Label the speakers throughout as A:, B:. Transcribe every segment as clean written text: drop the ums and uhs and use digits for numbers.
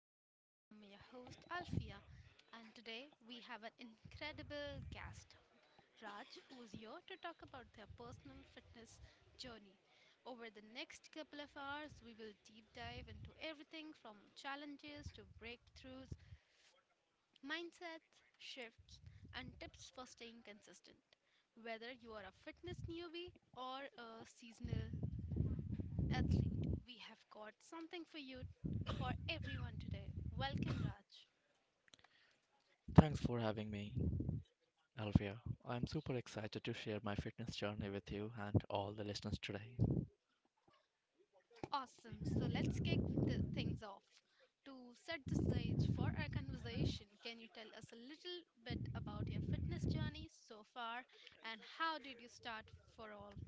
A: journey. I am your host Alfia, and today we have an incredible guest, Raj, who is here to talk about their personal fitness journey. Over the next couple of hours, we will deep dive into everything from challenges to breakthroughs, mindsets, shifts, and tips for staying consistent. Whether you are a fitness newbie or a seasonal Athlete, we have got something for you, for everyone today. Welcome, Raj.
B: Thanks for having me, Alvia. I'm super excited to share my fitness journey with you and all the listeners today.
A: Awesome. So let's kick the things off. To set the stage for our conversation, can you tell us a little bit about your fitness journey so far and how did you start for all?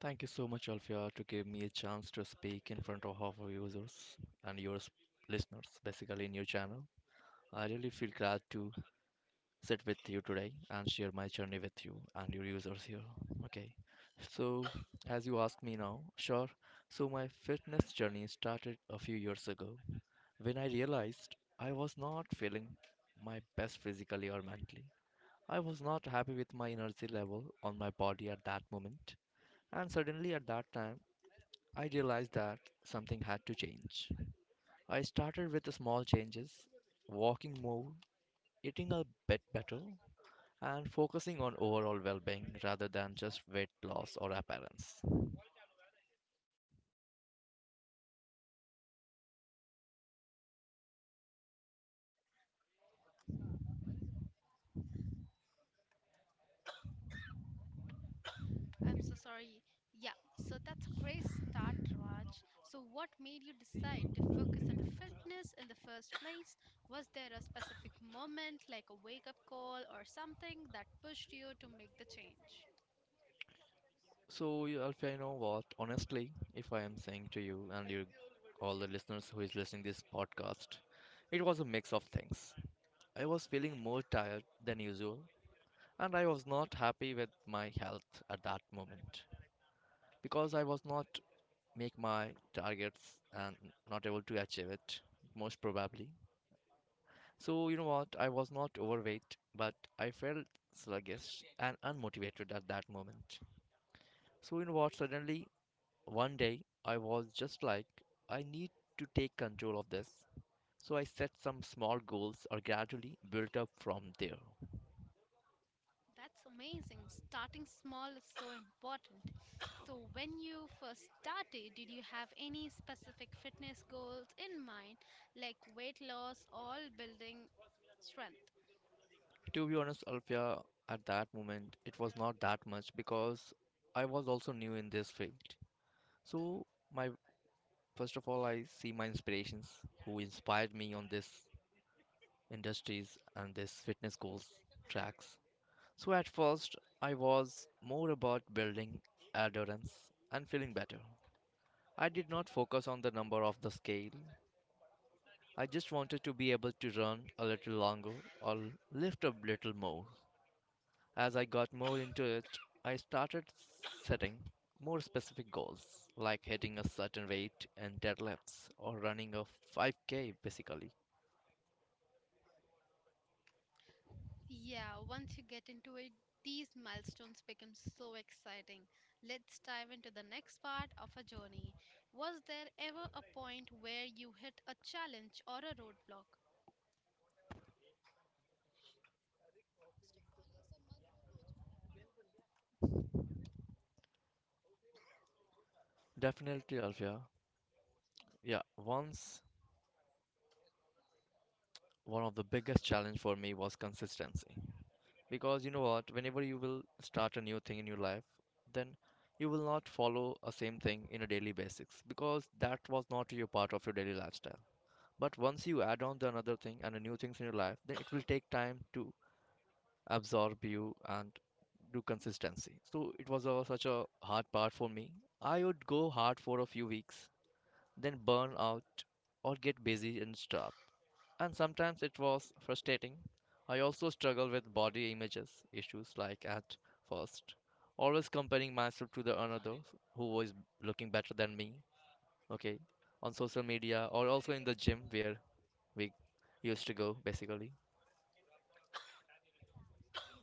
B: Thank you so much, Alvia, to give me a chance to speak in front of our users and listeners, basically in your channel. I really feel glad to sit with you today and share my journey with you and your users here. Okay, so as you ask me now, sure. So my fitness journey started a few years ago, when I realized I was not feeling my best physically or mentally. I was not happy with my energy level on my body at that moment. And suddenly, at that time, I realized that something had to change. I started with small changes, walking more, eating a bit better, and focusing on overall well being rather than just weight loss or appearance.
A: I'm so sorry. Yeah, so that's a great start, Raj. So, what made you decide to focus on fitness in the first place? Was there a specific moment, like a wake up call or something, that pushed you to make the change?
B: So, Alfia, you know what? Honestly, if I am saying to you and you, all the listeners who is listening this podcast, it was a mix of things. I was feeling more tired than usual, and I was not happy with my health at that moment because I was not make my targets and not able to achieve it most probably. So, you know what? I was not overweight, but I felt sluggish and unmotivated at that moment. So, you know what? Suddenly, One day, I was just like, I need to take control of this. So I set some small goals or gradually built up from there.
A: That's amazing. Starting small is so important. So, when you first started, did you have any specific fitness goals in mind, like weight loss or building strength?
B: To be honest, Alfia, at that moment, it was not that much because I was also new in this field. So, my first of all, I see my inspirations who inspired me on this industries and this fitness goals tracks. So, at first, I was more about building endurance and feeling better. I did not focus on the number of the scale. I just wanted to be able to run a little longer or lift a little more. As I got more into it, I started setting more specific goals, like hitting a certain weight and deadlifts or running a 5K basically.
A: Yeah, once you get into it, these milestones become so exciting. Let's dive into the next part of our journey. Was there ever a point where you hit a challenge or a roadblock?
B: Definitely, Alfia. Yeah, once one of the biggest challenge for me was consistency. Because you know what, whenever you will start a new thing in your life, then you will not follow a same thing in a daily basis because that was not your part of your daily lifestyle. But once you add on the another thing and a new things in your life, then it will take time to absorb you and do consistency. So it was a, such a hard part for me. I would go hard for a few weeks, then burn out or get busy and stuff, and sometimes it was frustrating. I also struggle with body images issues, like at first always comparing myself to the another who is looking better than me, okay, on social media or also in the gym where we used to go basically.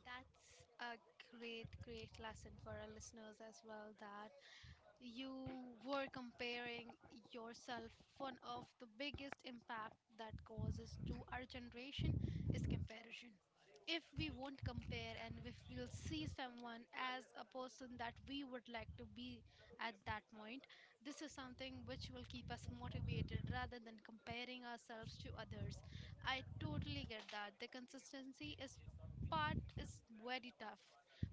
A: That's a great lesson for our listeners as well that you were comparing yourself. One of the biggest impact that causes to our generation is comparison. If we won't compare and if we'll see someone as a person that we would like to be at that point, this is something which will keep us motivated rather than comparing ourselves to others. I totally get that. The consistency is part is very tough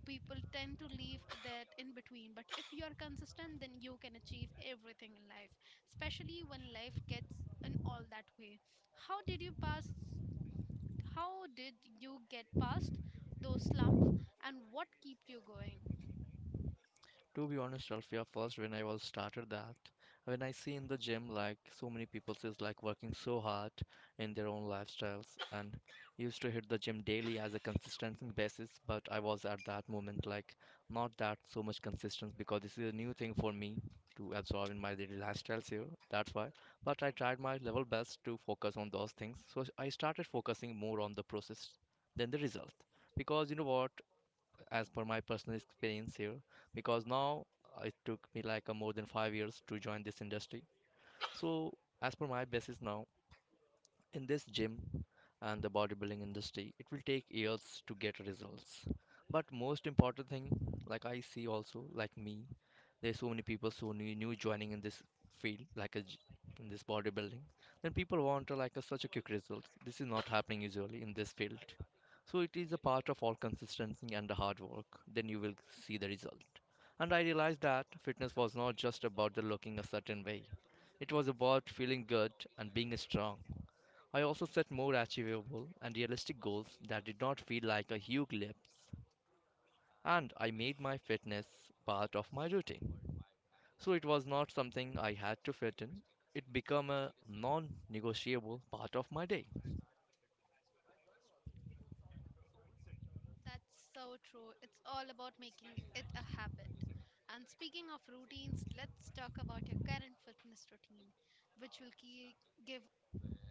A: people tend to leave that in between. But if you are consistent, then you can achieve everything in life, especially when life gets in all that way. How did you pass? How did you get past those slumps, and what keep you going?
B: To be honest, Alfia, first when I was started that, when I see in the gym like so many people is like working so hard in their own lifestyles and used to hit the gym daily as a consistent basis, but I was at that moment like not that so much consistent because this is a new thing for me to absorb in my daily lifestyles here. That's why. But I tried my level best to focus on those things. So I started focusing more on the process than the result. Because you know what? As per my personal experience here, because now it took me like a more than 5 years to join this industry, so as per my basis now in this gym and the bodybuilding industry, it will take years to get results. But most important thing, like I see also, like me, there's so many people so new, new joining in this field, in this bodybuilding. Then people want like a, such a quick result. This is not happening usually in this field. So it is a part of all consistency and the hard work. Then you will see the result. And I realized that fitness was not just about the looking a certain way. It was about feeling good and being strong. I also set more achievable and realistic goals that did not feel like a huge leap, and I made my fitness part of my routine. So it was not something I had to fit in. It became a non-negotiable part of my day.
A: That's so true. It's all about making it a habit. And speaking of routines, let's talk about your current fitness routine, which will key, give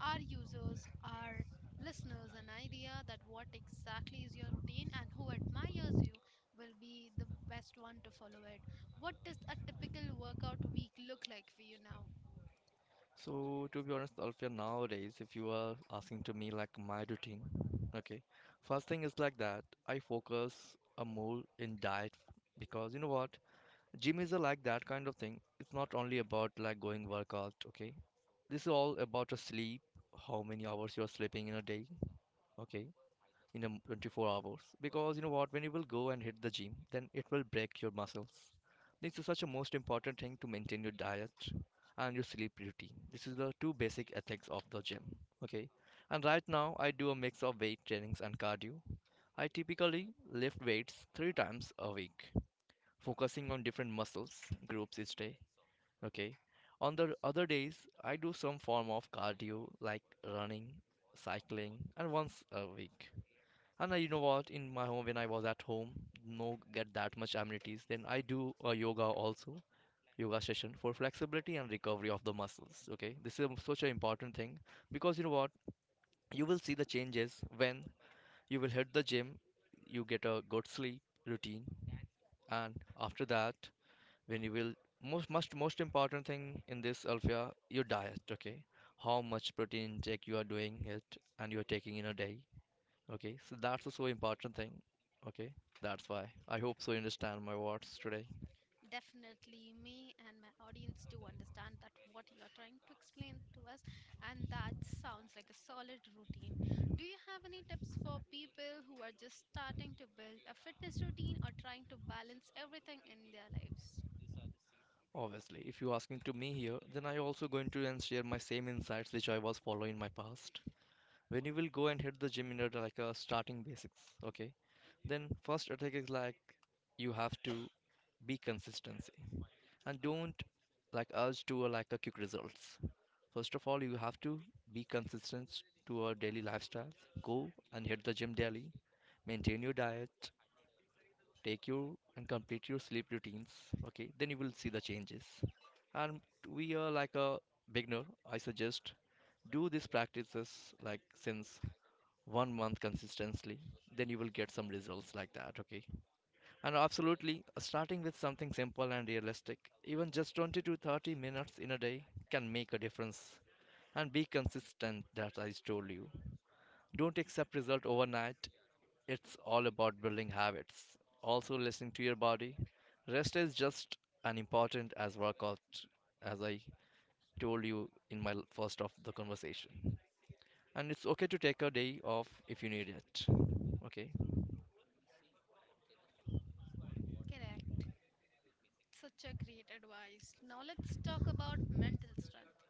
A: our users, our listeners, an idea that what exactly is your routine and who admires you will be the best one to follow it. What does a typical workout week look like for you now?
B: So to be honest, Alfia, nowadays if you are asking to me like my routine, okay, first thing is like that I focus a more in diet, because you know what, gym is a, like that kind of thing. It's not only about like going workout, okay? This is all about a sleep, how many hours you are sleeping in a day, okay? 24 hours. Because you know what, when you will go and hit the gym, then it will break your muscles. This is such a most important thing to maintain your diet and your sleep routine. This is the two basic ethics of the gym, okay? And right now I do a mix of weight trainings and cardio. I typically lift weights 3 times a week, focusing on different muscles groups each day. Okay. On the other days, I do some form of cardio like running, cycling, and once a week. And I, you know what? In my home, when I was at home, no get that much amenities. Then I do a yoga also, yoga session for flexibility and recovery of the muscles. Okay, this is such an important thing because you know what? You will see the changes when you will hit the gym. You get a good sleep routine, and after that, when you will, most most most important thing in this, Alfia, your diet, okay, how much protein intake you are doing it and you're taking in a day, okay, so that's a so important thing, okay, that's why I hope so you understand my words today.
A: Definitely, me and my audience do understand that what you are trying to explain to us, and that sounds like a solid routine. Do you have any tips for people who are just starting to build a fitness routine or trying to balance everything in their lives?
B: Obviously if you asking to me here, then I also going to and share my same insights which I was following in my past. When you will go and hit the gym in a like a starting basics, okay, then first attack is like, you have to be consistency and don't like us to like a quick results. First of all you have to be consistent to our daily lifestyle, go and hit the gym daily, maintain your diet, take your and complete your sleep routines, okay, then you will see the changes. And we are like a beginner, I suggest do these practices like since 1 month consistently, then you will get some results like that, okay. And absolutely, starting with something simple and realistic, even just 20 to 30 minutes in a day can make a difference. And be consistent, that I told you. Don't accept result overnight. It's all about building habits. Also listening to your body. Rest is just as important as workout, as I told you in first of the conversation. And it's okay to take a day off if you need it. Okay.
A: Correct. Such a great advice. Now let's talk about mental strength.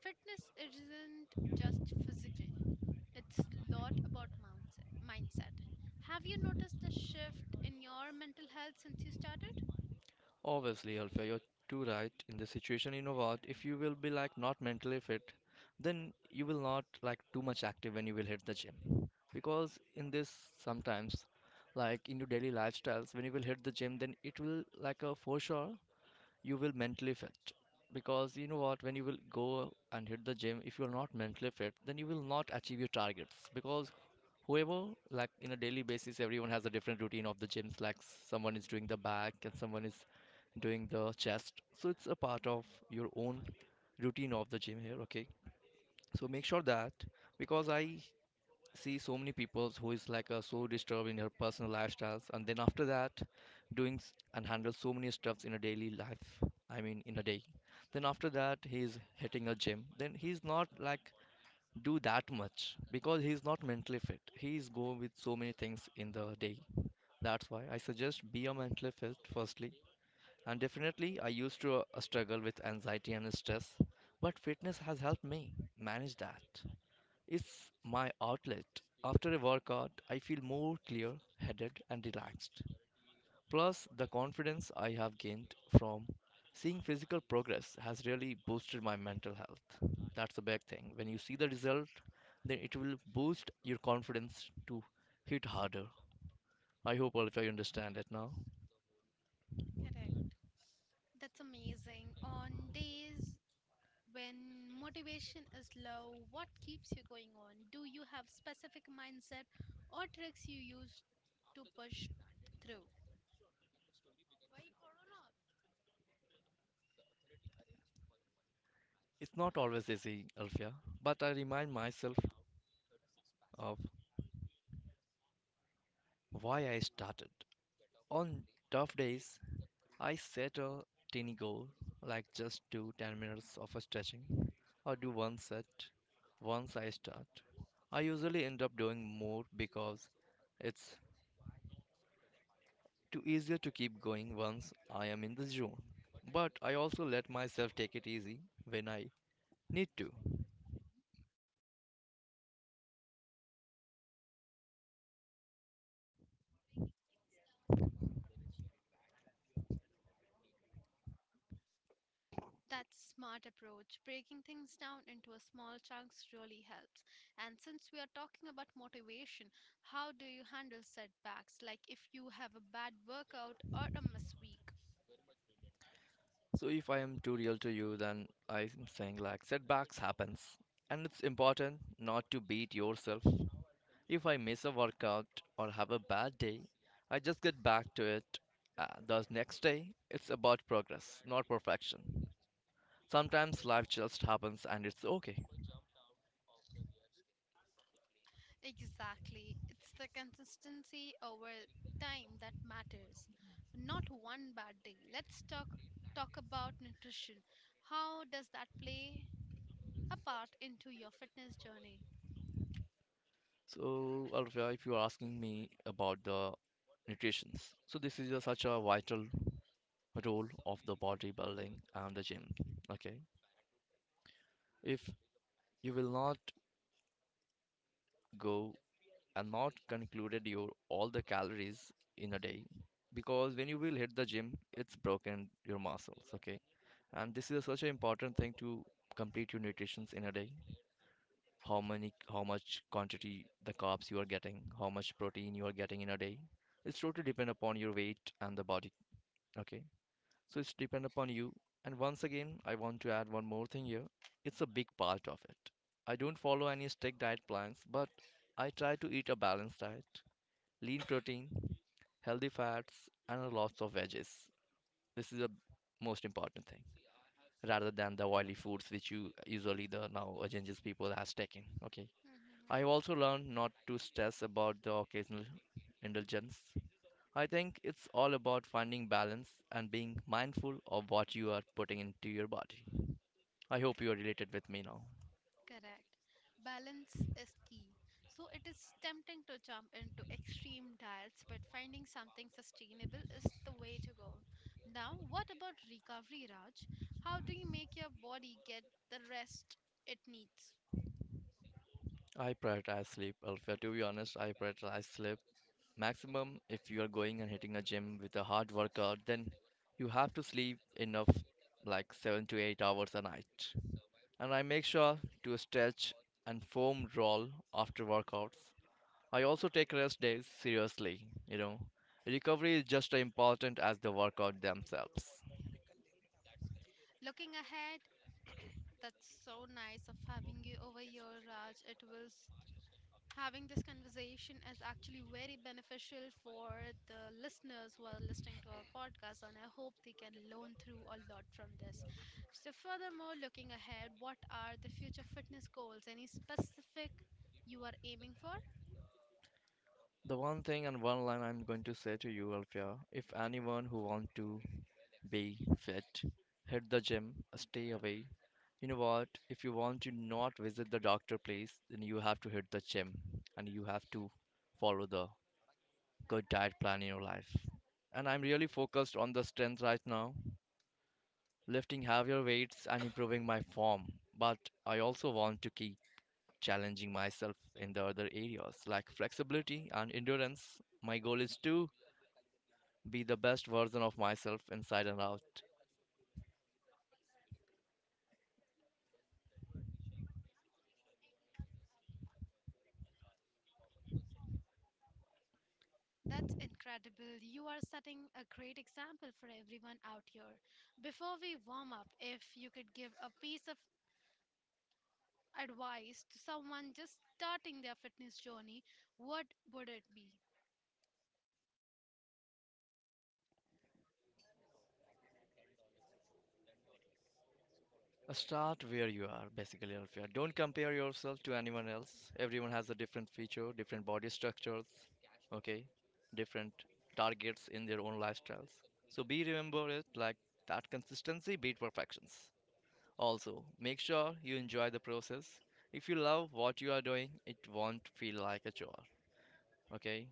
A: Fitness isn't just physical, it's a lot about mindset. Have you noticed a shift in your mental health since you started?
B: Obviously, Alfia, you're too right. In this situation, you know what? If you will be like not mentally fit, then you will not like too much active when you will hit the gym. Because in this sometimes, like in your daily lifestyles, when you will hit the gym, then it will like a for sure you will mentally fit. Because you know what, when you will go and hit the gym, if you're not mentally fit, then you will not achieve your targets. Because whoever, like in a daily basis, everyone has a different routine of the gyms, like someone is doing the back and someone is doing the chest, so it's a part of your own routine of the gym here, okay. So make sure that, because I see so many people who is like so disturbed in her personal lifestyles, and then after that doing s- and handle so many stuffs in a daily life, I mean in a day, then after that he's hitting a gym, then he's not like do that much because he's not mentally fit, he's go with so many things in the day. That's why I suggest be a mentally fit firstly. And definitely, I used to struggle with anxiety and stress, but fitness has helped me manage that. It's my outlet. After a workout, I feel more clear headed and relaxed. Plus, the confidence I have gained from seeing physical progress has really boosted my mental health. That's the big thing. When you see the result, then it will boost your confidence to hit harder. I hope all of you understand it now.
A: Correct. That's amazing. On days when motivation is low, what keeps you going on? Do you have specific mindset or tricks you use to push through?
B: It's not always easy, Alfia, but I remind myself of why I started. On tough days, I set a tiny goal, like just do 10 minutes of a stretching or do one set once I start. I usually end up doing more because it's too easier to keep going once I am in the zone. But I also let myself take it easy when I need to.
A: That's smart approach. Breaking things down into a small chunks really helps. And since we are talking about motivation, how do you handle setbacks like if you have a bad workout or a miss week?
B: So if I am too real to you, then I'm saying like setbacks happens. And it's important not to beat yourself. If I miss a workout or have a bad day, I just get back to it. The next day, it's about progress, not perfection. Sometimes life just happens and it's okay.
A: Exactly. It's the consistency over time that matters. Not one bad day. Let's talk about nutrition. How does that play a part into your fitness journey?
B: So, Alfia, if you're asking me about the nutritions, so this is a, such a vital role of the bodybuilding and the gym. Okay, if you will not go and not concluded your all the calories in a day, because when you will hit the gym it's broken your muscles, okay, and this is such an important thing to complete your nutritions in a day. How many, how much quantity the carbs you are getting, how much protein you are getting in a day, it's totally depend upon your weight and the body. Okay, so it's depend upon you. And once again I want to add one more thing here, it's a big part of it. I don't follow any strict diet plans, but I try to eat a balanced diet, lean protein, healthy fats, and lots of veggies. This is the most important thing rather than the oily foods which you usually the now changes people has taken. Okay.
A: Mhm.
B: I also learned not to stress about the occasional indulgence. I think it's all about finding balance and being mindful of what you are putting into your body. I hope you are related with me now.
A: Correct. Balance is key. So it is tempting to jump into extreme diets, but finding something sustainable is the way to go. Now, what about recovery, Raj? How do you make your body get the rest it needs?
B: I prioritize sleep. Alfia, to be honest, I prioritize sleep maximum. If you are going and hitting a gym with a hard workout, then you have to sleep enough, like 7 to 8 hours a night. And I make sure to stretch and foam roll after workouts. I also take rest days seriously, you know. Recovery is just as important as the workout themselves.
A: Looking ahead, that's so nice of having you over here, Raj. It was having this conversation is actually very beneficial for the listeners who are listening to our podcast, and I hope they can learn through a lot from this. So, furthermore, looking ahead, what are the future fitness goals? Any specific you are aiming for?
B: The one thing and one line I'm going to say to you, Alfia, if anyone who wants to be fit. Hit the gym. Stay away. You know what? If you want to not visit the doctor place, then you have to hit the gym and you have to follow the good diet plan in your life. And I'm really focused on the strength right now, lifting heavier weights and improving my form. But I also want to keep challenging myself in the other areas like flexibility and endurance. My goal is to be the best version of myself inside and out.
A: That's incredible. You are setting a great example for everyone out here. Before we warm up, if you could give a piece of advice to someone just starting their fitness journey, what would it be?
B: Start where you are, basically, Alfia. Don't compare yourself to anyone else. Everyone has a different feature, different body structures, okay, different targets in their own lifestyles. So be remember it like that consistency beat perfections. Also, make sure you enjoy the process. If you love what you are doing, it won't feel like a chore, okay?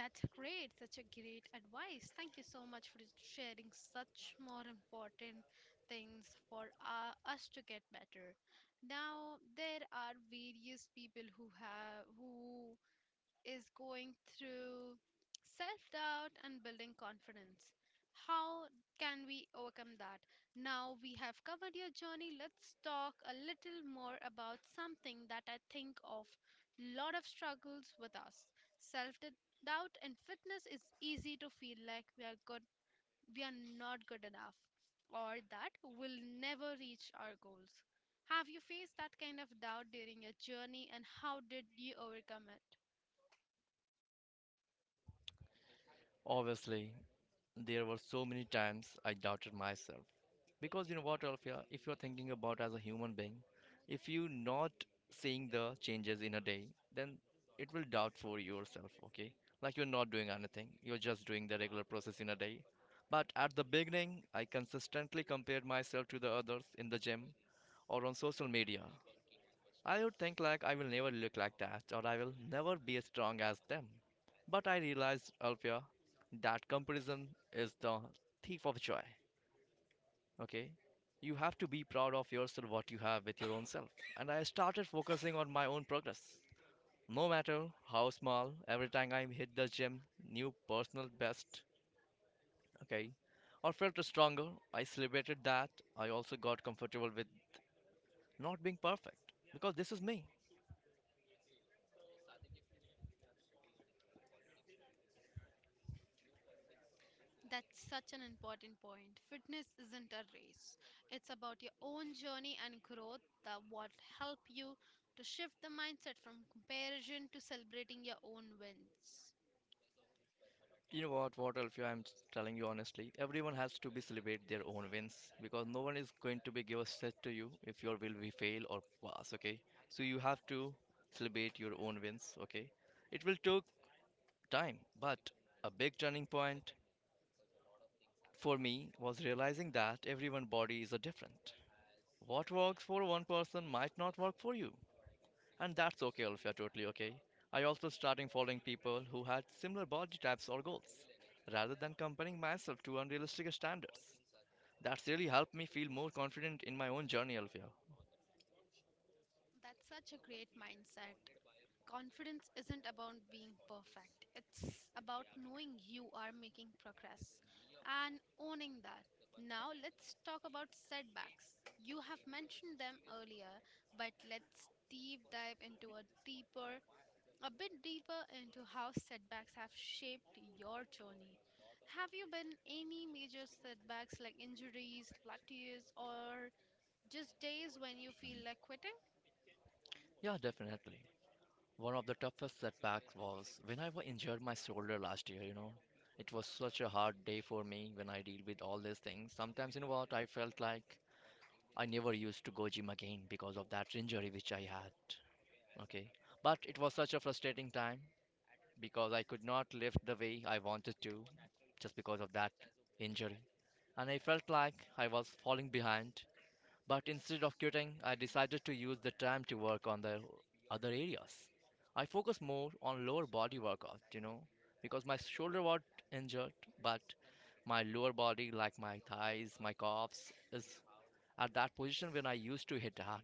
A: That's great. Such a great advice. Thank you so much for sharing such more important things for us to get better. Now, there are various people who have who is going through self doubt and building confidence. How can we overcome that? Now we have covered your journey. Let's talk a little more about something that I think of lot of struggles with us. Self doubt and fitness is easy to feel like we are not good enough or that we'll never reach our goals. Have you faced that kind of doubt during your journey and how did you overcome it?
B: Obviously, there were so many times I doubted myself. Because you know what, Alfia, if you're thinking about as a human being, if you're not seeing the changes in a day, then it will doubt for yourself, okay? Like you're not doing anything, you're just doing the regular process in a day. But at the beginning, I consistently compared myself to the others in the gym or on social media. I would think like I will never look like that or I will never be as strong as them. But I realized, Alfia, that comparison is the thief of joy. Okay? You have to be proud of yourself, what you have with your own self. And I started focusing on my own progress. No matter how small, every time I hit the gym, new personal best, okay, or felt stronger, I celebrated that. I also got comfortable with not being perfect because this is me.
A: That's such an important point. Fitness isn't a race. It's about your own journey and growth that what help you to shift the mindset from comparison to celebrating your own wins.
B: You know what Alfio, telling you honestly, everyone has to be celebrate their own wins because no one is going to be give a set to you if your will be fail or pass, okay? So you have to celebrate your own wins, okay? It will take time, but a big turning point for me was realizing that everyone body is a different. What works for one person might not work for you. And that's okay, Olivia, totally okay. I also started following people who had similar body types or goals, rather than comparing myself to unrealistic standards. That's really helped me feel more confident in my own journey, Olivia.
A: That's such a great mindset. Confidence isn't about being perfect. It's about knowing you are making progress and owning that. Now let's talk about setbacks. You have mentioned them earlier, but let's deep dive into a bit deeper into how setbacks have shaped your journey. Have you been any major setbacks like injuries, plateaus, or just days when you feel like quitting?
B: Yeah, definitely. One of the toughest setbacks was when injured my shoulder last year, you know. It was such a hard day for me when I deal with all these things. Sometimes, you know what, I felt like I never used to go gym again because of that injury which I had. Okay. But it was such a frustrating time because I could not lift the way I wanted to just because of that injury. And I felt like I was falling behind, but instead of quitting, I decided to use the time to work on the other areas. I focus more on lower body workout, you know, because my shoulder was injured, but my lower body, like my thighs, my calves, is at that position when I used to hit hard.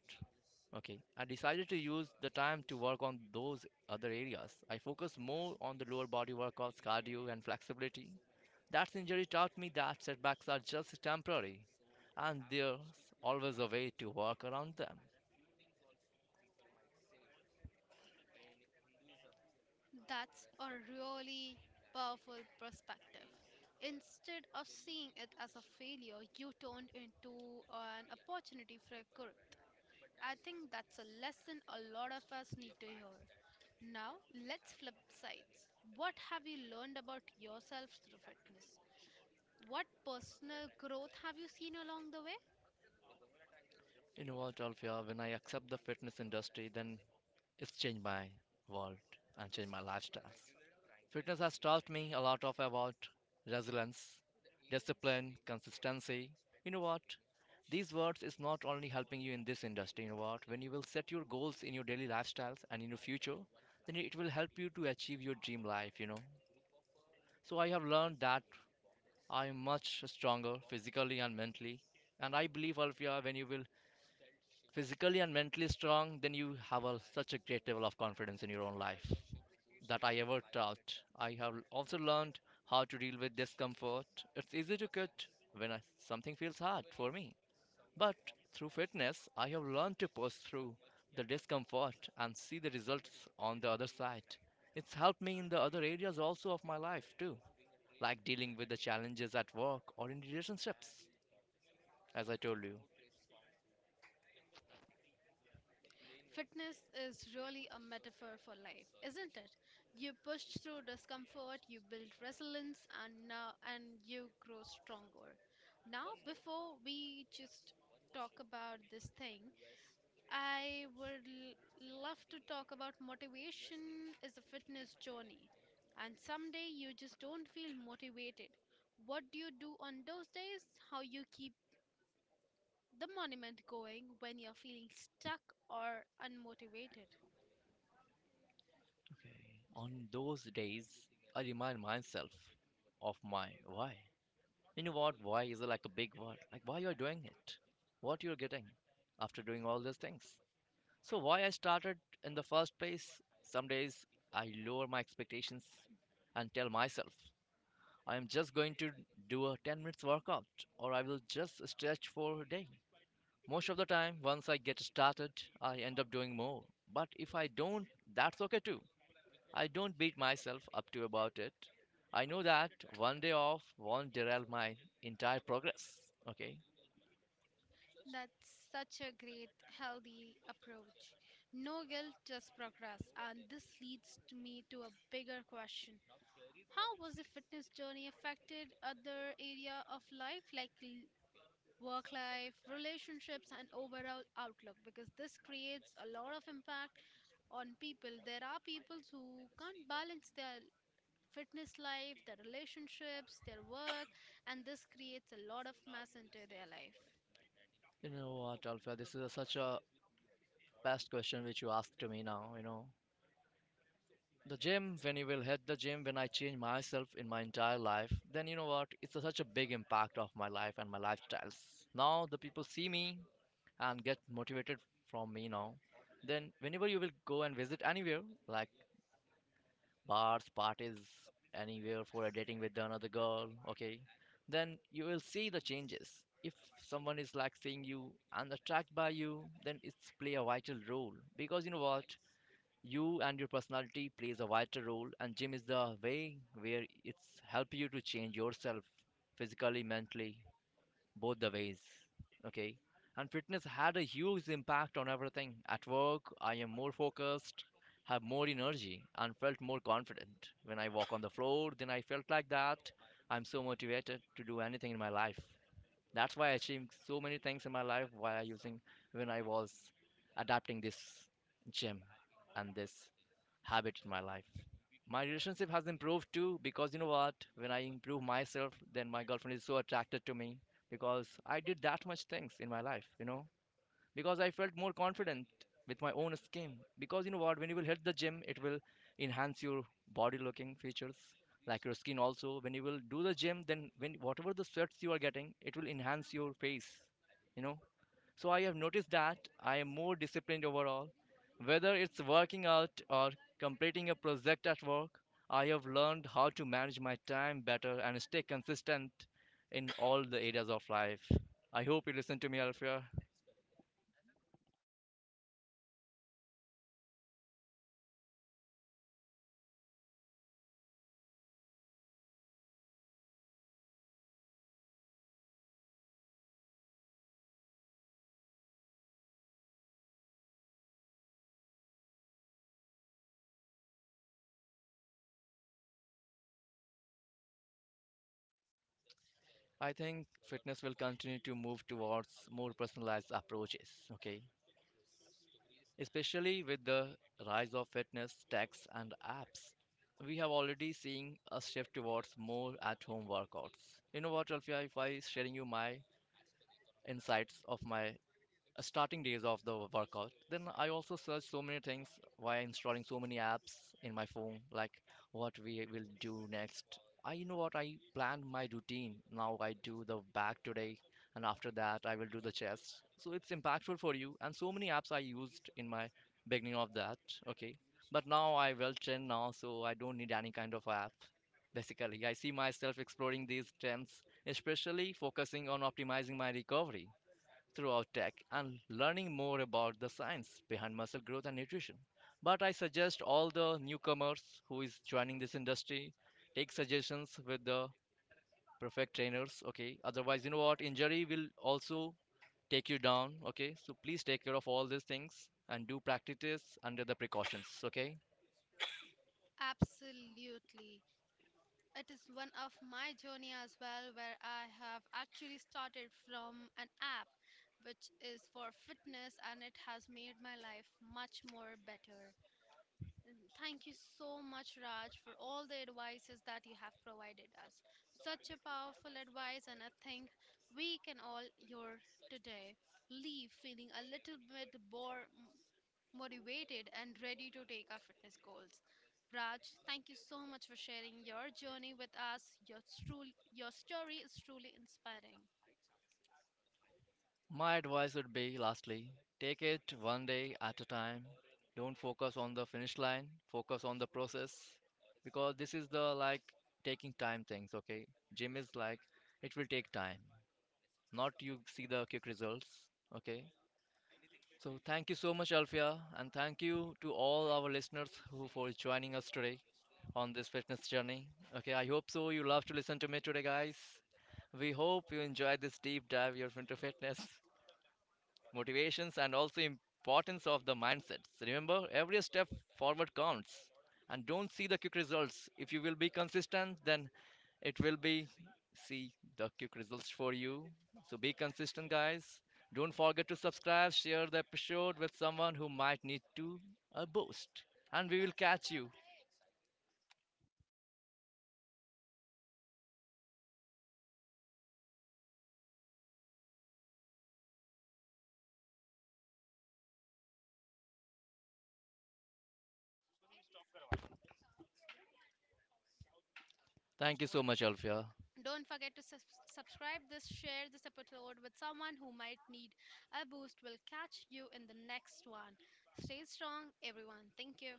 B: Okay, I decided to use the time to work on those other areas. I focus more on the lower body workouts, cardio, and flexibility. That injury taught me that setbacks are just temporary and there's always a way to work around them.
A: That's a really powerful perspective. Instead of seeing it as a failure, you turned into an opportunity for growth. I think that's a lesson a lot of us need to hear. Now, let's flip sides. What have you learned about yourself through fitness? What personal growth have you seen along the way?
B: You know what, Alfia, when I accept the fitness industry, then it's changed my world and changed my lifestyles. Fitness has taught me a lot of about resilience, discipline, consistency. You know what? These words is not only helping you in this industry, you know what? When you will set your goals in your daily lifestyles and in your future, then it will help you to achieve your dream life, you know. So I have learned that I'm much stronger physically and mentally. And I believe, Alfia, when you will physically and mentally strong, then you have a, such a great level of confidence in your own life that I ever taught. I have also learned how to deal with discomfort. It's easy to quit when I, something feels hard for me. But through fitness, I have learned to push through the discomfort and see the results on the other side. It's helped me in the other areas also of my life too, like dealing with the challenges at work or in relationships, as I told you.
A: Fitness is really a metaphor for life, isn't it? You push through discomfort, you build resilience, and you grow stronger. Now, before we just talk about this thing, I would love to talk about motivation is a fitness journey. And some day you just don't feel motivated. What do you do on those days? How you keep the monument going when you're feeling stuck or unmotivated?
B: Okay. On those days, I remind myself of my why. You know what? Why is like a big word? Like why you're doing it? What you're getting after doing all these things? So why I started in the first place? Some days I lower my expectations and tell myself I am just going to do a 10 minutes workout or I will just stretch for a day. Most of the time, once I get started, I end up doing more. But if I don't, that's okay too. I don't beat myself up to about it. I know that one day off won't derail my entire progress. Okay.
A: That's such a great, healthy approach. No guilt, just progress. And this leads to me to a bigger question. How was the fitness journey affected other area of life like work life, relationships, and overall outlook because this creates a lot of impact on people. There are people who can't balance their fitness life, their relationships, their work, and this creates a lot of mess into their life.
B: You know what, Alpha? This is a, such a best question which you asked to me now. You know, the gym. When you will hit the gym, when I change myself in my entire life, then you know what? It's a, such a big impact of my life and my lifestyles. Now the people see me and get motivated from me now. Then whenever you will go and visit anywhere, like bars, parties, anywhere for a dating with another girl, okay, then you will see the changes. If someone is like seeing you and attracted by you, then it's play a vital role, because you know what, you and your personality plays a vital role, and gym is the way where it's help you to change yourself, physically, mentally, both the ways. Okay. And fitness had a huge impact on everything. At work, I am more focused, have more energy, and felt more confident. When I walk on the floor, then I felt like that. I'm so motivated to do anything in my life. That's why I achieved so many things in my life while using, when I was adapting this gym and this habit in my life. My relationship has improved too, because you know what? When I improve myself, then my girlfriend is so attracted to me because I did that much things in my life, you know, because I felt more confident with my own skin. Because you know what, when you will hit the gym, it will enhance your body looking features, like your skin also. When you will do the gym, then when whatever the sweats you are getting, it will enhance your face. You know. So I have noticed that I am more disciplined overall. Whether it's working out or completing a project at work, I have learned how to manage my time better and stay consistent in all the areas of life. I hope you listen to me, Alfia. I think fitness will continue to move towards more personalized approaches, okay? Especially with the rise of fitness techs and apps. We have already seen a shift towards more at home workouts. You know what, Alfia, if I sharing you my insights of my starting days of the workout. Then I also search so many things while installing so many apps in my phone, like what we will do next. I You know what, I planned my routine. Now I do the back today, and after that I will do the chest. So it's impactful for you, and so many apps I used in my beginning of that. Okay, but now I well trained now, so I don't need any kind of app. Basically, I see myself exploring these trends, especially focusing on optimizing my recovery throughout tech and learning more about the science behind muscle growth and nutrition. But I suggest all the newcomers who is joining this industry take suggestions with the perfect trainers, okay? Otherwise, you know what? Injury will also take you down, okay? So please take care of all these things and do practices under the precautions, okay?
A: Absolutely. It is one of my journey as well where I have actually started from an app which is for fitness and it has made my life much more better. Thank you so much, Raj, for all the advices that you have provided us. Such a powerful advice, and I think we can all your today leave feeling a little bit more motivated and ready to take our fitness goals. Raj, thank you so much for sharing your journey with us. Your story is truly inspiring.
B: My advice would be lastly, take it one day at a time. Don't focus on the finish line, focus on the process, because this is the like taking time things, okay? Gym is like it will take time, not you see the quick results, okay? So thank you so much, Alfia, and thank you to all our listeners who for joining us today on this fitness journey. Okay, I hope so. You love to listen to me today, guys. We hope you enjoyed this deep dive here into fitness motivations, and also importance of the mindsets. Remember, every step forward counts, and don't see the quick results. If you will be consistent, then it will be see the quick results for you. So be consistent, guys. Don't forget to subscribe, share the episode with someone who might need to a boost, and we will catch you. Thank you so much, Alfia.
A: Don't forget to subscribe this, share this episode with someone who might need a boost. We'll catch you in the next one. Stay strong, everyone. Thank you.